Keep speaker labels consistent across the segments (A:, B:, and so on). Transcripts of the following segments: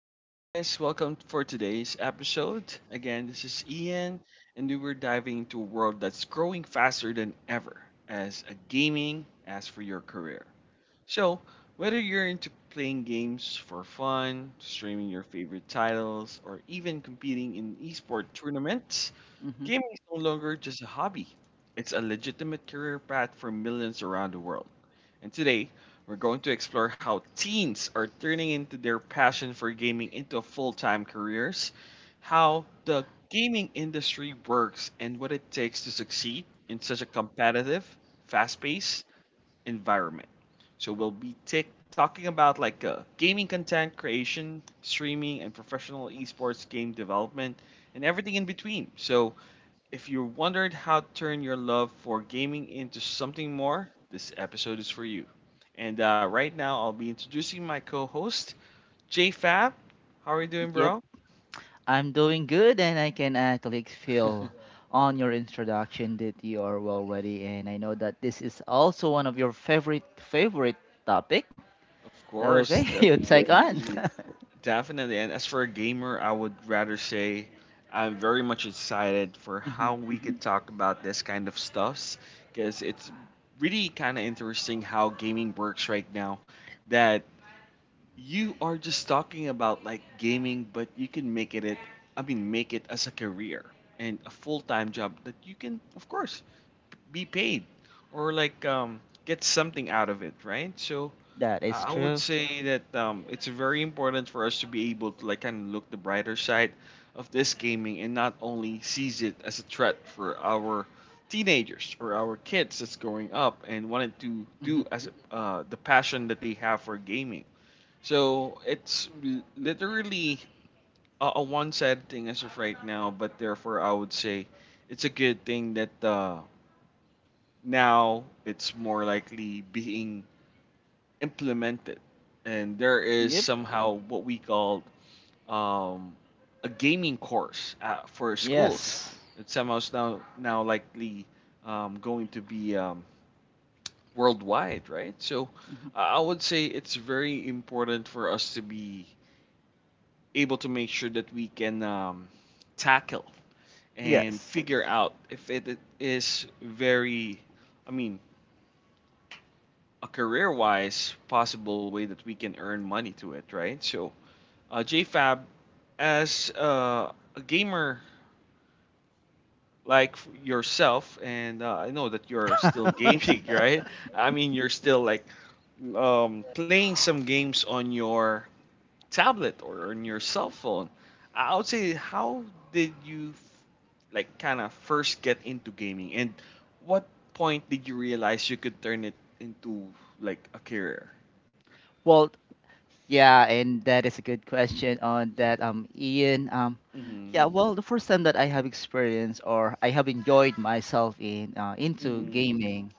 A: Hi guys, welcome for today's episode. Again, this is Ian, and we were diving into a world that's growing faster than ever as a gaming as for your career. So, whether you're into playing games for fun, streaming your favorite titles, or even competing in esport tournaments,
B: hmm
A: gaming is no longer just a hobby. It's a legitimate career path for millions around the world. And today, we're going to explore how teens are turning into their passion for gaming into full-time careers, how the gaming industry works and what it takes to succeed in such a competitive, fast-paced environment. So we'll be tick talking about gaming content creation, streaming, and professional esports game development, and everything in between. So if you're wondering how to turn your love for gaming into something more, this episode is for you. And right now, I'll be introducing my co host, J Fab. How are you doing,
B: Yep,
A: bro?
B: I'm doing good, and I can actually
A: Of
B: feel on your introduction that you are well ready, and I know that this is also one of your favorite topic.
A: course,
B: Okay, you take
A: definitely.
B: on.
A: Definitely. And as for a gamer, I would rather say I'm very much excited for how
B: hmm
A: we could talk about this kind of stuffs because it's really kind of interesting how gaming works right now. That you are just talking about like gaming, but you can make it, I mean, make it as a career and a full time job that you can, of course, be paid or like get something out of it, right? So
B: That is
A: I would
B: true.
A: say that it's very important for us to be able to like kind of look the brighter side of this gaming and not only sees it as a threat for our teenagers or our kids that's growing up and wanted to do
B: hmm
A: as the passion that they have for gaming so literally a one sided thing as of right now, but therefore I would say it's a good thing that now it's more likely being implemented. And there is
B: Yep.
A: somehow what we call um, a gaming course for schools.
B: Yes.
A: It's somehow is now likely going to be worldwide, right? So
B: hmm
A: I would say it's very important for us to be able to make sure that we can tackle and
B: Yes.
A: figure out if it is very, I mean, a career wise possible way that we can earn money to it, right? So, JFab, as a gamer like yourself, and I know that you're still gaming, right? I mean, you're still like playing some games on your tablet or on your cell phone. I would say, how did you f- like kind of first get into gaming, and what point did you realize you could turn it into like a career?
B: Well, yeah, and that is a good question on that, Ian. Um,
A: Mm-hmm.
B: yeah, well, the first time that I have experienced or I have enjoyed myself in into
A: Mm-hmm.
B: gaming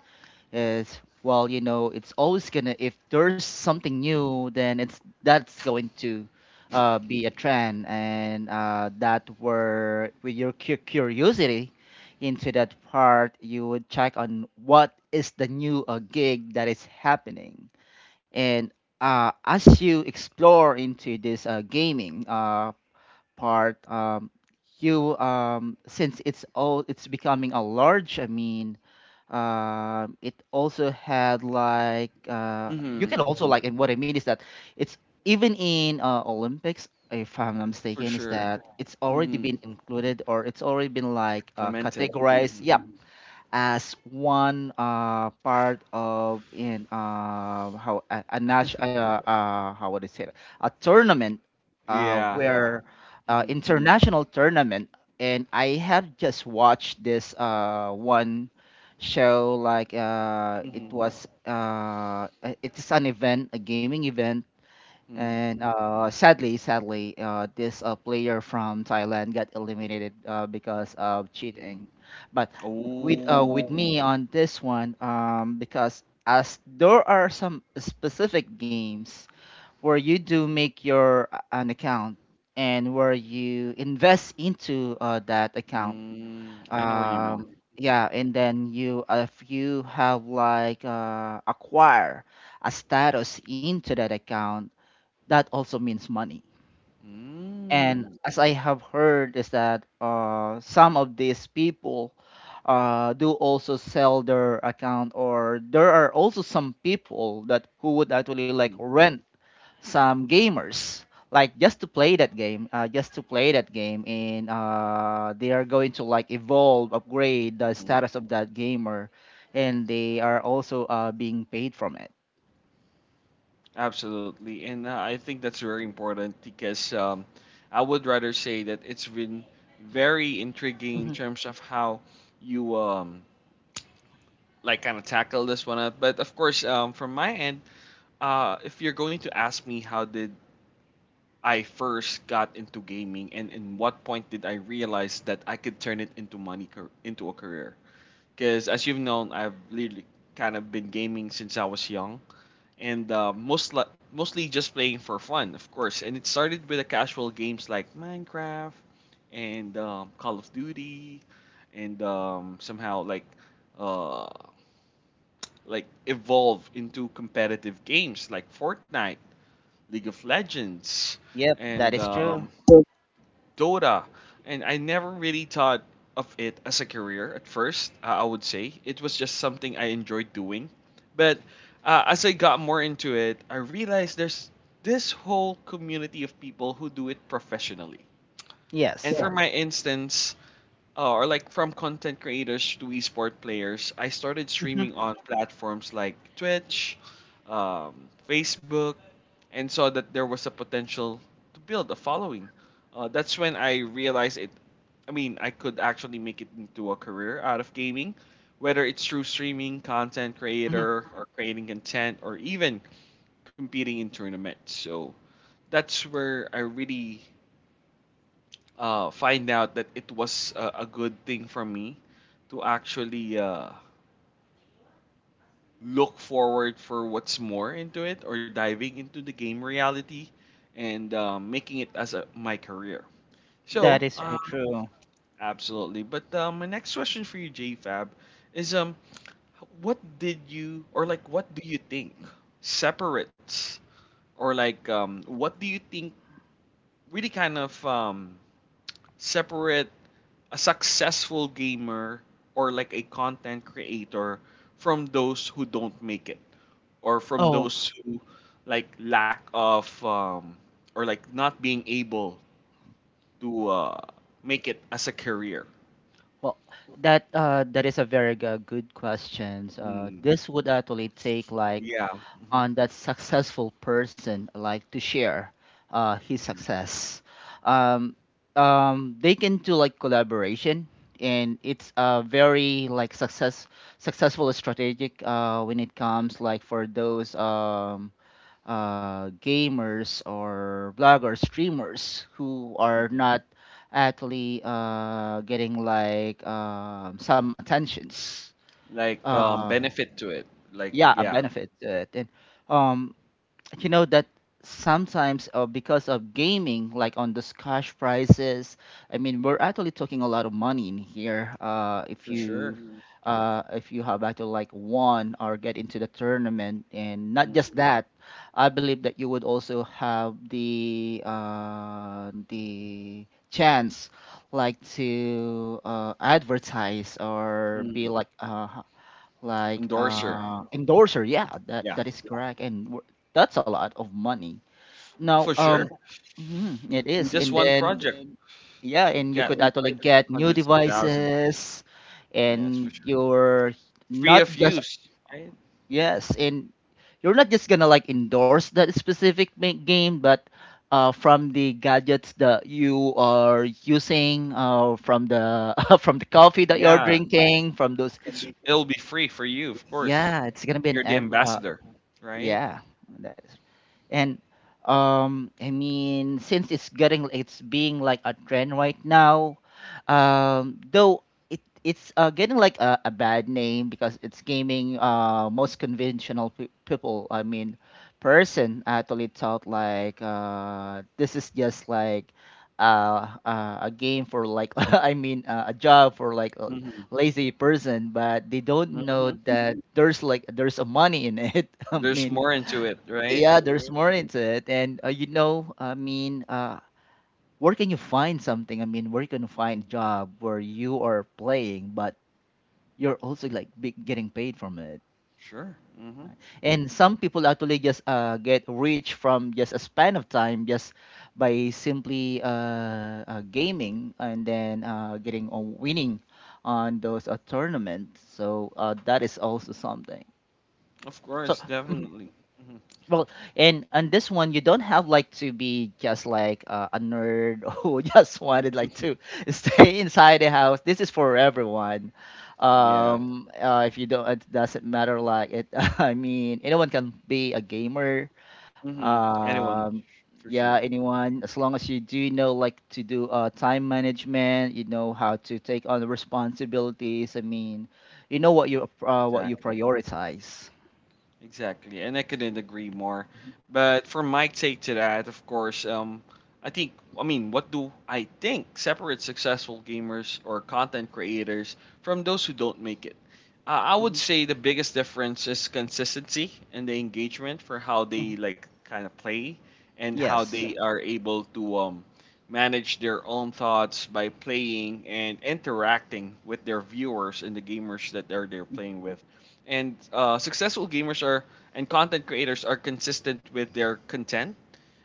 B: is, well, you know it's always gonna, if there's something new, then it's that's going to be a trend, and that were with your curiosity into that part. You would check on what is the new gig that is happening. And as you explore into this gaming part, you, since it's becoming a large, I mean, it also had like,
A: Mm-hmm.
B: you
A: Mm-hmm.
B: can also like, and what I mean is that it's even in Olympics, if I'm not
A: For
B: mistaken. Is
A: sure.
B: that it's already
A: Mm-hmm.
B: been included or it's already been like
A: Lamented. Mm-hmm.
B: categorized. Yeah, as one part of in how a, how would I say it? A tournament,
A: Yeah.
B: where,
A: Mm-hmm.
B: international tournament. And I had just watched this one show, like, it
A: Mm-hmm. Right.
B: was, it's an event, a gaming event.
A: Mm-hmm.
B: And sadly, this player from Thailand got eliminated because of
A: Mm-hmm.
B: cheating. But with,
A: Oh.
B: with, oh, me on this one, because as there are some specific games where you do make your, an account, and where you invest into that account.
A: Mm, I know what you
B: Um,
A: mean.
B: yeah, and then you if you have like acquire a status into that account, that also means money. And
A: Mm-hmm.
B: as I have heard, is that some of these people do also sell their account, or there are also some people that who would actually like
A: Mm-hmm.
B: rent some gamers, like just to play that game, and they are going to like evolve, upgrade the
A: Mm-hmm.
B: status of that gamer, and they are also being paid from it.
A: Absolutely, and I think that's very important because I would rather say that it's been very intriguing in
B: Mhm.
A: terms of how you like kind of tackle this one up. But of course, from my end, if you're going to ask me how did I first got into gaming and in what point did I realize that I could turn it into into a career? Because as you've known, I've literally kind of been gaming since I was young and uh, mostly just playing for fun, of course. And it started with the casual games like Minecraft and Call of Duty, and somehow uh, like evolve into competitive games like Fortnite, League of Legends,
B: Yep, that
A: and
B: is true.
A: Dota, and I never really thought of it as a career at first. I would say it was just something I enjoyed doing, but as I got more into it, I realized there's this whole community of people who do it professionally. And
B: Yes.
A: for Yeah. my instance, or like from content creators to esport players, I started
B: Mhm,
A: streaming on platforms like Twitch, um, Facebook, and saw that there was a potential to build a following. That's when I realized it. I mean, I could actually make it into a career out of gaming, whether it's through streaming, content
B: mhm.
A: creator, or creating content, or even competing in tournaments. So that's where I really find out that it was a good thing for me to actually look forward for what's more into it or diving into the game reality and making it as a, my career. So,
B: That is
A: Yeah.
B: very true.
A: Absolutely. But my next question for you, JFab, is what did you or like what do you think separates or like what do you think really kind of separate a successful gamer or like a content creator from those who don't make it? Or from
B: Oh,
A: those who like lack of or like not being able to make it as a career.
B: well, that is a very good question.
A: Mm.
B: This would actually take like
A: Yeah. Hmm
B: on that successful person like to share his
A: hmm
B: success. Um, they can do like collaboration, and it's a very like successful strategic when it comes like for those gamers or bloggers, streamers who are
A: hmm.
B: not actually getting like some attentions.
A: Like
B: Uh,
A: benefit to it. Like
B: yeah, a
A: yeah,
B: benefit to it. And um, you know that sometimes because of gaming, like on those cash prizes, I mean, we're actually talking a lot of money in here.
A: for sure. Mm.
B: If you have actually like won or get into the tournament. And not just
A: Mm.
B: that, I believe that you would also have the chance like to advertise or be
A: Mm.
B: like
A: Endorser.
B: endorser. Yeah, that
A: Yeah,
B: that is correct. That's a lot of money now,
A: for sure.
B: mhm, it
A: And
B: is.
A: just Mhm.
B: And
A: one
B: then,
A: project, you
B: yeah, and you
A: yeah, get
B: could actually
A: like
B: get new
A: hundreds of thousands.
B: devices.
A: Yes, for
B: And
A: sure.
B: you're
A: Free
B: not
A: of
B: just,
A: use.
B: yes, and you're not just gonna like endorse that specific game, but from the gadgets that you are using, from the from the coffee that you're
A: Yeah,
B: drinking, from those,
A: it's it'll be free for you, of course.
B: yeah, it's gonna be
A: You're the ambassador, right?
B: yeah, that is. And I mean, since it's being like a trend right now. Though it's getting like a bad name because it's gaming. Most conventional pe people, I mean, person actually thought like, this is just like, a game for like I mean, a job for like,
A: Mhm.
B: lazy person. But they don't know
A: Mhm.
B: that there's like there's a money in it. I
A: There's
B: mean,
A: more into it, right?
B: yeah, there's more into it. And you know, I mean, where can you find something? I mean, where can you find a job where you are playing, but you're also like getting paid from it?
A: Sure. Mhm.
B: And some people actually just get rich from just a span of time, just by simply gaming, and then getting on winning on those tournaments. So that is also something.
A: Of
B: So,
A: course, definitely. Mhm.
B: well, and on this one, you don't have like to be just like a nerd who just wanted like to stay inside the house. This is for everyone.
A: Yeah.
B: If you don't, it doesn't matter. Like it, I mean, anyone can be a gamer.
A: Mhm. Anyone,
B: Um,
A: for
B: yeah,
A: sure.
B: anyone, as long as you do know like to do time management, you know how to take on the responsibilities. I mean,
A: Mm.
B: what you
A: Exactly.
B: prioritize.
A: Exactly, and I couldn't agree more.
B: Mhm,
A: But for my take to that, of course, I think, I mean, what do I think separates successful gamers or content creators from those who don't make it? I would
B: mhm,
A: say the biggest difference is consistency and the engagement for how they
B: mhm.
A: like kind of play and how Yeah.
B: Yes.
A: they are able to manage their own thoughts by playing and interacting with their viewers and the gamers that they're playing with. And successful gamers are and content creators are consistent with their content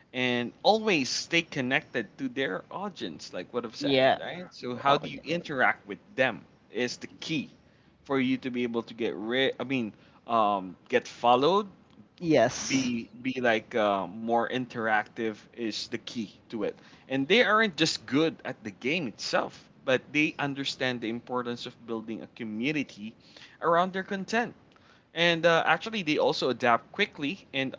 A: and always stay connected to their audience, like what I've said,
B: Yeah.
A: right? So how
B: Well,
A: do you
B: yeah.
A: interact with them is the key for you to be able to get rid. I mean, get followed.
B: Yes.
A: Be more interactive is the key to it. And they aren't just good at the game itself, but they understand the importance of building a community around their content and actually, they also adapt quickly and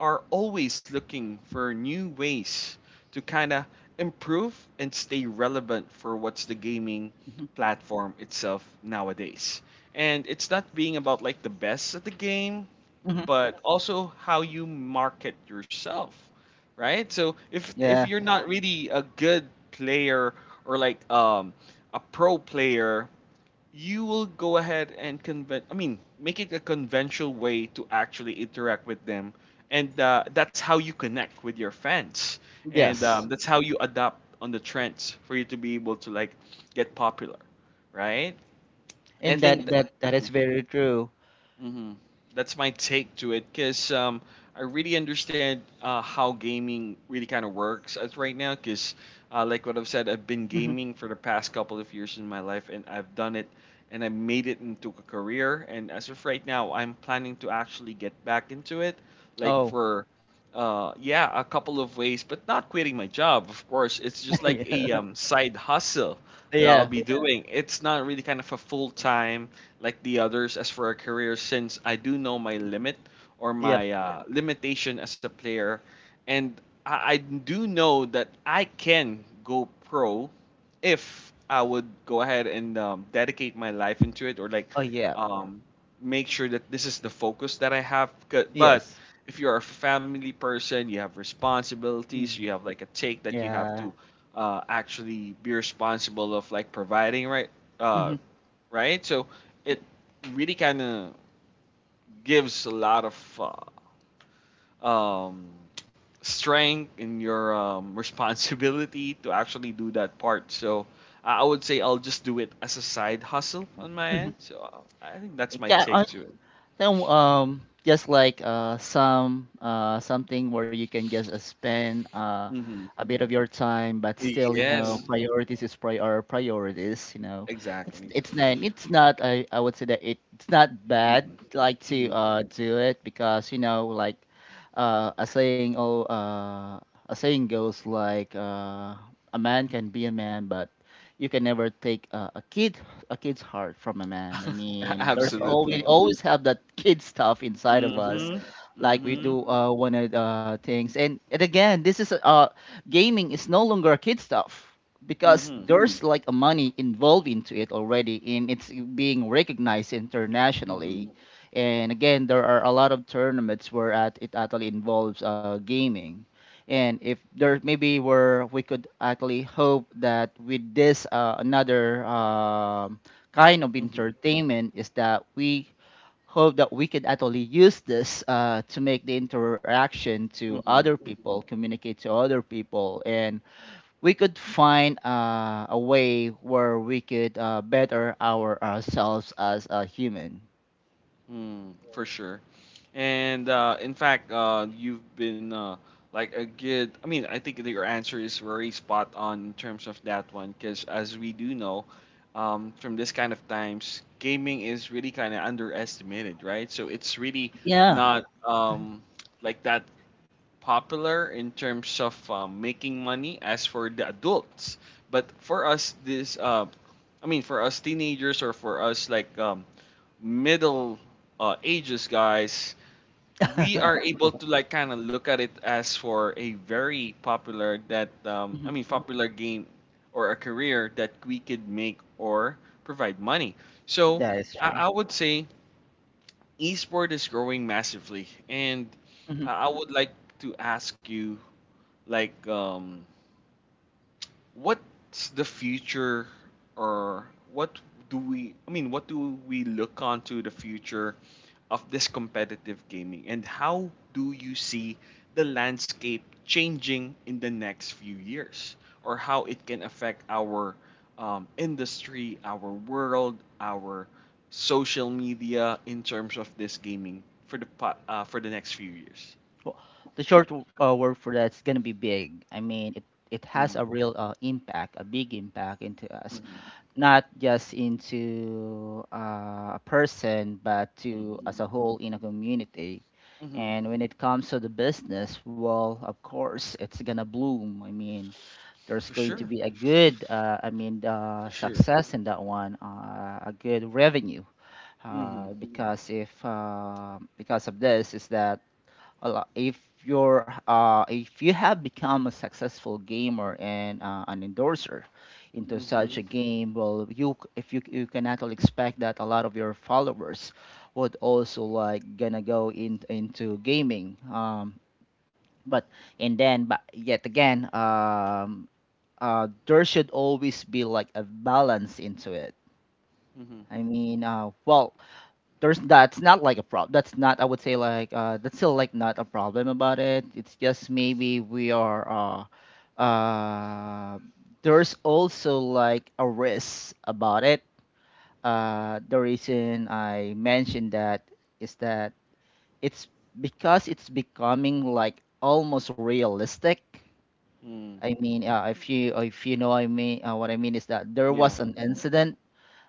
A: are always looking for new ways to kind of improve and stay relevant for what's the gaming
B: Hmm.
A: platform itself nowadays. And it's not being about like the best at the game,
B: Hmm.
A: but also how you market yourself, right? So if
B: Yeah.
A: you're not really a good player or like a pro player you will go ahead and convent I mean make it a conventional way to actually interact with them and that's how you connect with your fans and
B: Yes.
A: that's how you adapt on the trends for you to be able to like get popular, right? i
B: And
A: think
B: that
A: th-
B: that that is very true.
A: hmm. That's my take to it, cause I really understand how gaming really kind of works as right now, cause like what I've said, I've been
B: Hmm.
A: gaming for the past couple of years in my life, and I've done it, and I made it into a career, and as of right now, I'm planning to actually get back into it, like
B: Oh.
A: for yeah, a couple of ways, but not quitting my job, of course. It's just like a
B: Yeah.
A: side hustle that I'll
B: Yeah.
A: be Yeah. doing. It's not really kind of a full time like the others as for a career since I do know my limit or
B: Yep.
A: my limitation as a player. And I do know that I can go pro if I would go ahead and dedicate my life into it or like
B: Oh, yeah.
A: um, make sure that this is the focus that I have. 'Cause- But
B: Yes.
A: if you're a family person, you have responsibilities, you
B: Hmm.
A: have like a take that you have
B: Yeah.
A: to actually be responsible of like providing right uh,
B: Hmm.
A: right? So it really kind of gives a lot of um, strength in your responsibility to actually do that part. So I would say I'll just do it as a side hustle on my end. So I think that's my
B: Yeah.
A: take to it.
B: Then, just like some, something where you can just spend
A: Hmm.
B: a bit of your time, but still, you know,
A: Yes,
B: mm-hmm,
A: mm-hmm,
B: priorities is pri are priorities, you know.
A: exactly.
B: It's not, I would say that it's not bad
A: Hmm
B: like to
A: hmm.
B: do it, because you know, like, a saying oh, a saying goes like, a man can be a man, but you can never take a kid, a kid's heart from a man. I mean, there's always
A: Absolutely.
B: always have that kid stuff inside of
A: Hmm
B: us,
A: hmm
B: like we
A: hmm
B: do one of things. And again, this is gaming is no longer a kid stuff, because
A: hmm
B: there's like a money involved into it already, and it's being recognized internationally. And again, there are a lot of tournaments where at it actually involves gaming. And if there maybe were, we could actually hope that with this another kind of
A: hmm
B: entertainment, is that we hope that we could actually use this to make the interaction to
A: hmm.
B: other people, communicate to other people, and we could find a way where we could better ourselves as a human.
A: Mm, for sure. And in fact, you've been like a good. I mean, I think that your answer is very spot on in terms of that one, because as we do know, from this kind of times, gaming is really kind of underestimated, right? So it's really Yeah.
B: Yeah,
A: not like that popular in terms of making money as for the adults. But for us, this, I mean, for us teenagers or for us like middle ages guys, we are able to like kind of look at it as for a very popular that
B: mhm,
A: popular game or a career that we could make or provide money. So
B: that is true.
A: I would say esport is growing massively. And
B: Hmm.
A: I would like to ask you like what's the future, or what do we I mean what do we look on to the future of this competitive gaming, and how do you see the landscape changing in the next few years, or how it can affect our industry, our world, our social media in terms of this gaming for the for the next few years?
B: Well, the short word for that is gonna be big. I mean, it has a
A: Mm-hmm.
B: real impact, a big impact into us.
A: Mm-hmm.
B: Not just into a person, but to as
A: Mm-hmm.
B: a whole in a community.
A: Mm-hmm.
B: And when it comes to the business, well, of course it's gonna bloom. I mean, there's
A: For
B: going to
A: sure,
B: be a good
A: for sure.
B: success in that one, a good revenue,
A: Mm-hmm.
B: because if because of this, is that a lot. If you have become a successful gamer and an endorser into such
A: Mhm.
B: a game, well, if you can actually expect that a lot of your followers would also like gonna go in into gaming. But and then, but yet again, there should always be like a balance into it.
A: Mhm.
B: I mean, there's, that's not like a problem. That's not, I would say like, that's still like not a problem about it. It's just maybe we are, uh uh there's also like a risk about it. The reason I mentioned that is that it's, because it's becoming like almost realistic.
A: Mm.
B: I mean, if you know, I mean, what I mean is that there was
A: Yeah.
B: an incident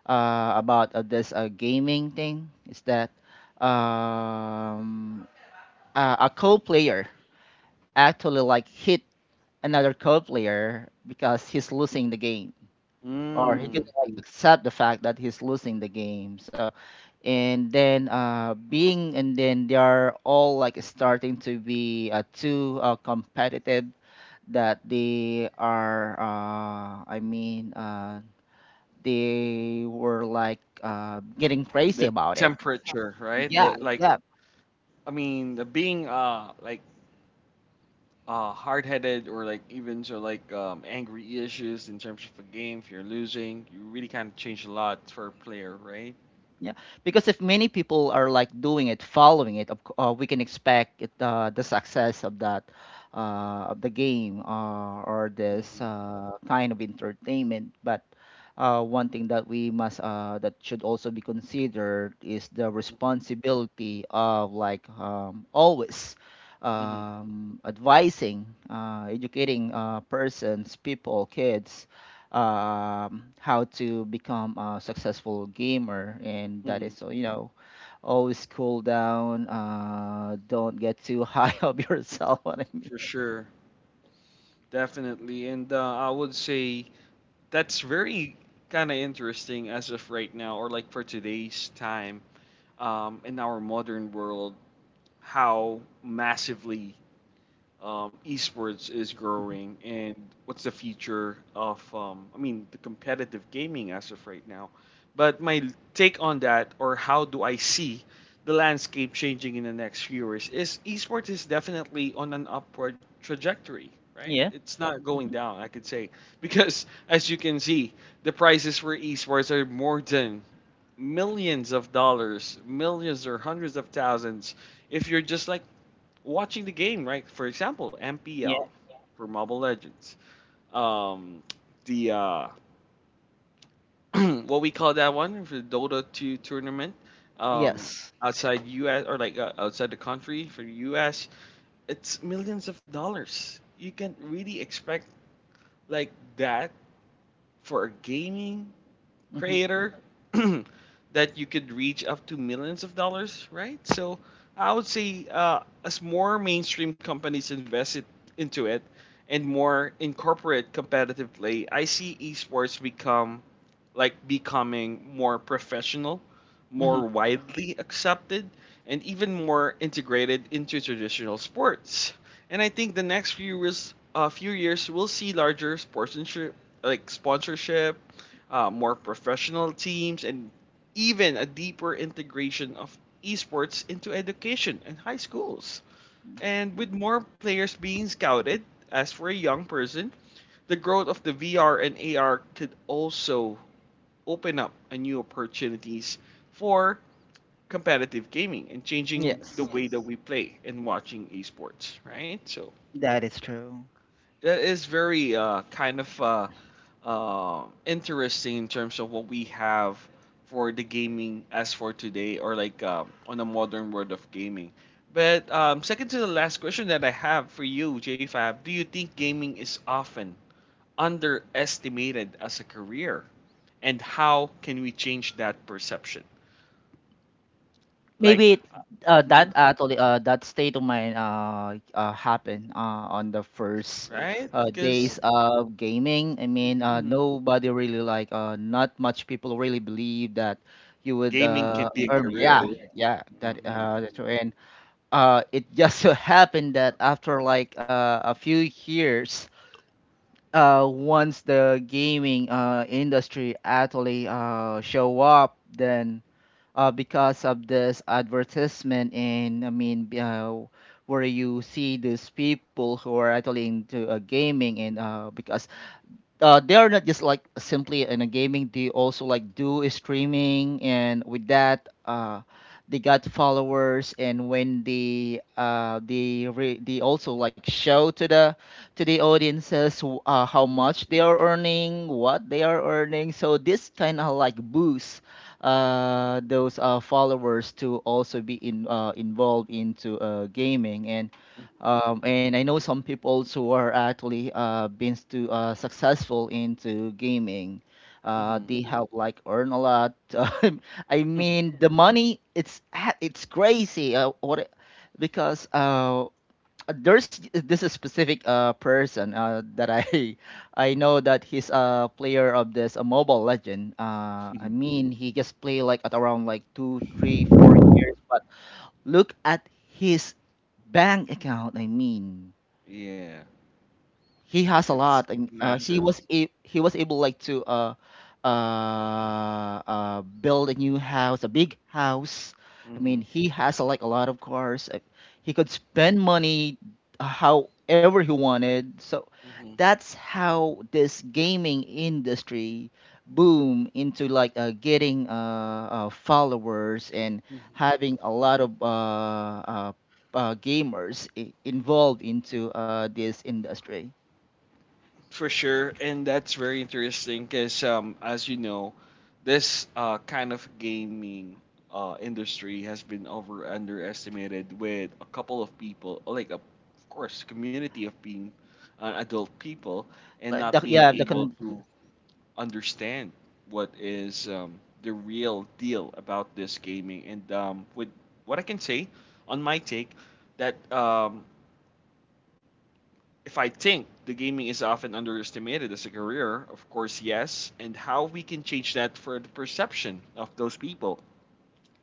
B: about this gaming thing, is that um, a co player actually like hit another co player because he's losing the game, or he
A: Mm.
B: didn't like accept the fact that he's losing the game. So, and then they are all like starting to be too competitive that they are, they were like getting crazy
A: The
B: about it.
A: temperature, right?
B: Yeah,
A: The like,
B: yeah,
A: I mean, the being like hard-headed or like even so like angry issues in terms of a game. If you're losing, you really kind of change a lot for a player, right?
B: yeah. Because if many people are like doing it, following it, we can expect it, the success of that, of the game, or this
A: Mhm.
B: kind of entertainment. But one thing that we must, that should also be considered is the
A: Mhm.
B: responsibility of like, always,
A: Mhm.
B: advising, educating persons, people, kids, how to become a successful gamer. And that is,
A: Mhm.
B: so you know, always cool down. Don't get too high of yourself. What I mean.
A: For sure. Definitely. And I would say that's very kind of interesting as of right now, or like for today's time, in our modern world, how massively esports is
B: Mhm.
A: growing. And what's the future of, the competitive gaming as of right now? But my take on that, or how do I see the landscape changing in the next few years, is esports is definitely on an upward trajectory, right?
B: Yeah.
A: It's not going
B: Hmm.
A: down, I could say, because as you can see, the prices for esports are more than millions of dollars, millions or hundreds of thousands. If you're just like watching the game, right? For example, MPL
B: Yeah.
A: for Mobile Legends. Um, the what we call that one for the Dota 2 tournament, um,
B: Yes.
A: outside US, or like outside the country for the US, it's millions of dollars. You can really expect like that for a gaming
B: Hmm.
A: creator that you could reach up to millions of dollars, right? So I would say as more mainstream companies invest it into it and more incorporate competitive play, I see esports become like becoming more professional, more
B: Hmm.
A: widely accepted, and even more integrated into traditional sports. And I think the next few years, we'll see larger sponsorship, like sponsorship, more professional teams, and even a deeper integration of esports into education and high schools. And with more players being scouted, as for a young person, the growth of the VR and AR could also open up a new opportunities for competitive gaming and changing the
B: Yes.
A: way that, yes, we play and watching esports, right? So
B: That is true.
A: that is very interesting in terms of what we have for the gaming as for today, or like on the modern world of gaming. But second to the last question that I have for you, JFab, do you think gaming is often underestimated as a career? And how can we change that perception? Like,
B: Maybe it,
A: mm-hmm,
B: that actually, that state of mind, happened on the first
A: right? Because
B: days of gaming. I mean,
A: mm-hmm,
B: nobody really like, not much people really believe that you would
A: gaming can be a
B: earn. Yeah,
A: career.
B: yeah, yeah, that
A: Mm-hmm.
B: that's right. And it just so happened that after like a few years. Once the gaming industry actually show up, then because of this advertisement, and where you see these people who are actually into gaming. And because They are not just like simply in a gaming. They also like do a streaming, and with that, they got followers. And when they also like show to the audiences how much they are earning, what they are earning. So this kind of like boosts those followers to also be in involved into gaming. And I know some people who are actually been to successful into gaming.
A: Mm-hmm.
B: They Mhm. have like earn a lot. Um, I mean, the money it's crazy. What because there's This is specific person that I I know that he's a player of this a Mobile Legend. I mean, he just play like at around like two, three, 4 years, but. Look at his bank account. I mean,
A: Yeah.
B: he has a
A: It's
B: lot, and he
A: massive.
B: he was able like to build a new house, a big house. I mean,
A: Hmm.
B: he has like a lot of cars. He could spend money however he wanted. So
A: Hmm.
B: that's how this gaming industry boom into like getting followers and having a lot of gamers involved into this industry.
A: For sure, and that's very interesting because, as you know, this kind of gaming industry has been over underestimated with a couple of people, like a, of course, community of being adult people and
B: But
A: not
B: the, yeah,
A: being
B: the
A: able
B: con
A: to understand what is the real deal about this gaming. And with what I can say on my take, that if I think the gaming is often underestimated as a career, of course, yes, and how we can change that for the perception of those people.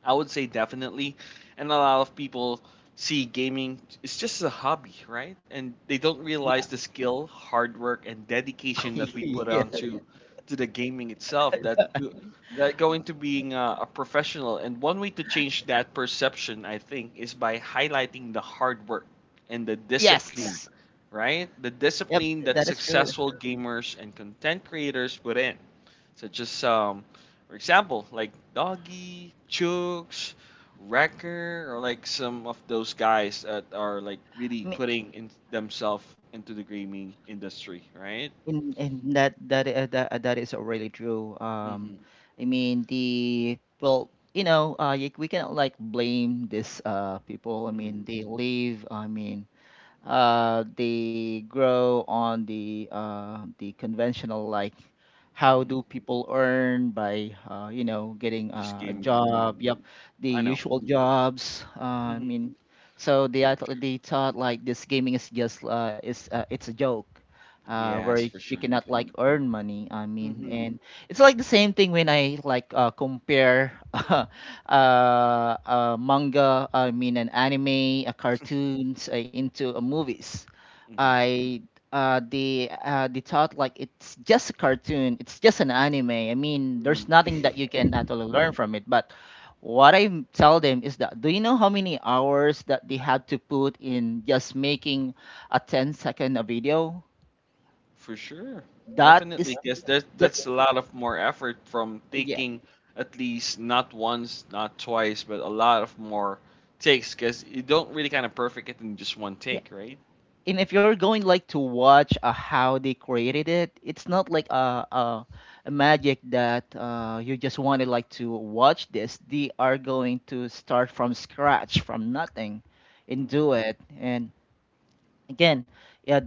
A: I would say definitely, and a lot of people see gaming it's just a hobby, right? And they don't
B: Yeah,
A: realize the skill, hard work, and dedication that we put
B: yeah,
A: onto to the gaming itself. That go into being a professional. And one way to change that perception, I think, is by highlighting the hard work and the, yeah, discipline,
B: yes,
A: right? The
B: yep,
A: discipline that
B: that is true.
A: successful gamers and content creators put in. So just for example, like Doggy, Chooks, Wrecker, or like some of those guys that are like really
B: I mean,
A: putting in themselves into the gaming industry, right?
B: in that is already true.
A: Mm-hmm.
B: I mean, the well, you know, we cannot like blame these people. I mean,
A: Mm-hmm.
B: they leave. I mean, they grow on the conventional, like how
A: Mm-hmm.
B: do people earn by you know, getting
A: Just
B: a
A: gaming, right?
B: job, yep, the
A: I know.
B: usual jobs. I
A: Mm-hmm.
B: mean, so they thought like this gaming is just is it's a joke, where
A: Yes, for
B: you
A: sure.
B: cannot like earn money. I mean,
A: Mm-hmm.
B: and it's like the same thing when I like compare manga, I mean an anime, cartoons into movies. I they They thought like it's just a cartoon, it's just an anime. I mean, there's
A: Mm-hmm.
B: nothing that you can actually learn from it. But what I tell them is that, do you know how many hours that they had to put in just making a 10 second a video?
A: For sure.
B: That is
A: Definitely, because there's
B: there,
A: that's a lot of more effort from
B: yeah.
A: taking at least not once, not twice, but a lot of more takes because you don't really kind of perfect it in just one take, right?
B: And if you're going like to watch how they created it, it's not like a magic that you just wanted like to watch this. They are going to start from scratch, from nothing, and
A: Mm-hmm.
B: do it. And again, yeah.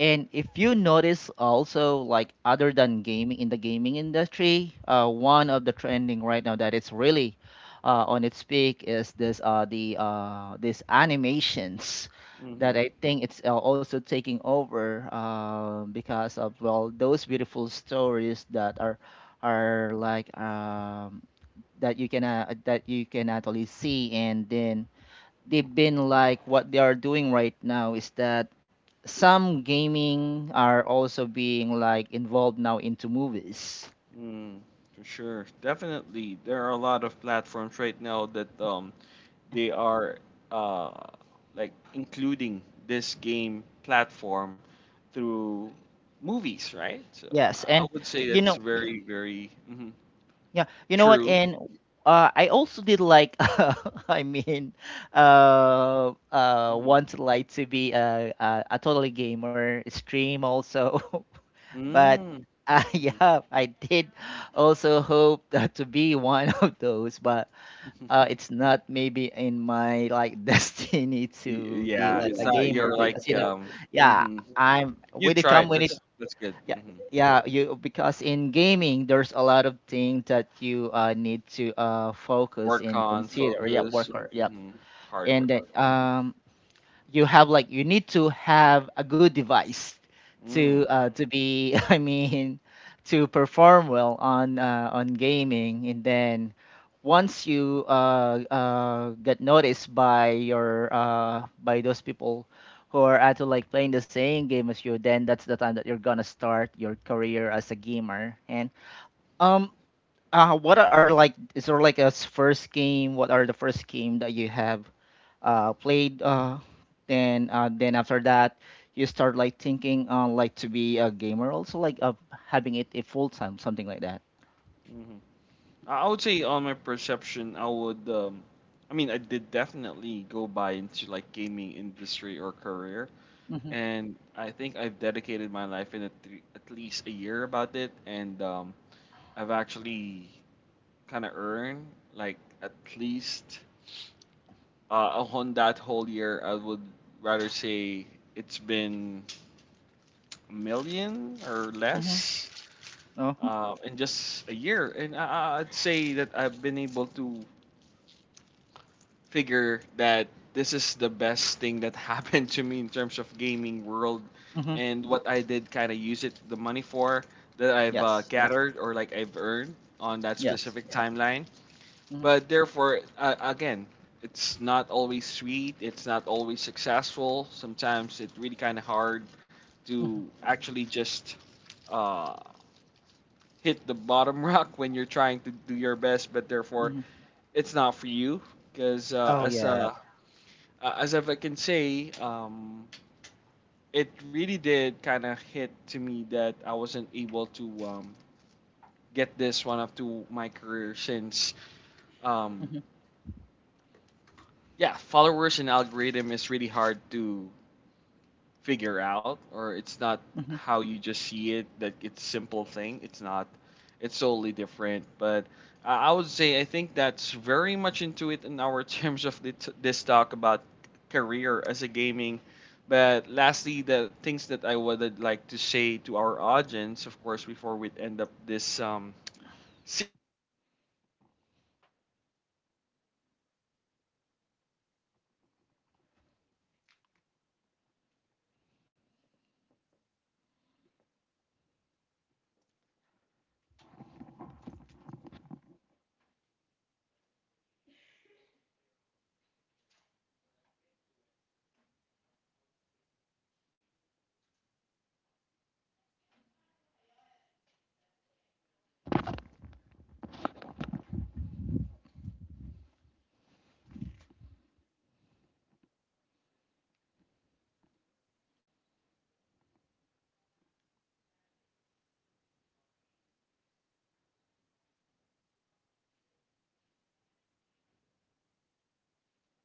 B: And if you notice also like other than gaming in the gaming industry, one of the trending right now that it's really on its peak is this the these animations that
A: Mm-hmm.
B: I think it's also taking over, because of, well, those beautiful stories that are like that you can actually see. And then they've been like, what they are doing right now is that some gaming are also being like involved now into movies.
A: Mm. For sure. Definitely. There are a lot of platforms right now that they are uh like including this game platform through movies, right? So
B: Yes,
A: I
B: and
A: would say
B: you
A: that's
B: know,
A: very, very mhm.
B: yeah, you know what?
A: True.
B: And I also did like, I mean,
A: Mhm.
B: want like to be a totally gamer stream also, but
A: Mm. Mhm.
B: yeah, I did also hope that to be one of those, but it's not maybe in my like destiny
A: Y
B: to be
A: Yeah,
B: like
A: it's
B: a
A: not
B: gamer,
A: you're
B: because you
A: like,
B: know, yeah,
A: mhm. You.
B: I'm
A: You've
B: with the
A: tried.
B: company.
A: That's good.
B: Yeah,
A: Mhm.
B: yeah, you, because in gaming there's a lot of things that you need to focus
A: Work
B: and
A: on,
B: consider, yeah,
A: focus,
B: worker, yeah.
A: mhm, hard
B: And
A: work.
B: then you have like, you need to have a good device
A: Mm.
B: to be I mean, to perform well on gaming. And then once you get noticed by your by those people who are actually like playing the same game as you, then that's the time that you're gonna start your career as a gamer. And um uh, what are like, is there like first game, what are the first game that you have played. Then then after that, you start like thinking on like to be a gamer, also like having it a full time, something like that.
A: Mhm. I would say on my perception, I would, I did definitely go by into like gaming industry or career,
B: Mm-hmm.
A: and I think I've dedicated my life in at, at least a year about it, and I've actually kind of earned like at least. On that whole year, I would rather say it's been a million or
B: Mm-hmm.
A: less
B: Uh-huh.
A: in just a year. And would say that I've been able to figure that this is the best thing that happened to me in terms of gaming world,
B: Mm-hmm.
A: and what I did kind of use it the money for that I've
B: Yes.
A: gathered or like I've earned on that
B: Yes.
A: specific, yeah, timeline.
B: Mm-hmm.
A: But therefore, again, it's not always sweet. It's not always successful. Sometimes it's really kind of hard
B: Mm-hmm.
A: to actually just uh, hit the bottom rock when you're trying to do your best. But therefore,
B: Mm-hmm.
A: it's not for you because
B: Oh yeah.
A: as if I can say, it really did kind of hit to me that I wasn't able to get this one up to my career since um,
B: Mm-hmm.
A: yeah, followers and algorithm is really hard to figure out, or it's not how you just see it. That it's simple thing. It's not. It's totally different. But I would say I think that's very much into it in our terms of the this talk about career as a gaming. But lastly, the things that I would like to say to our audience, of course, before we end up this series or like episode that we have right now, JFab, is that um, as we wrap up this thing, I would say it's clear that gaming is no longer just a pastime. It's not just like a hobby anymore. Now it's a legitimate career option for many, whether you're aiming to be a pro player or a stream player or an influencer. I would say in the gaming community, the possibilities are very endless. And but remember, guys, success is in the gaming world isn't about playing games all day. It's really about the dedication, the skills, and a bit of entrepreneurial spirit. And for those who are thinking about pursuing gaming as a career, keep practicing, building your brand, and finding what makes you stand out.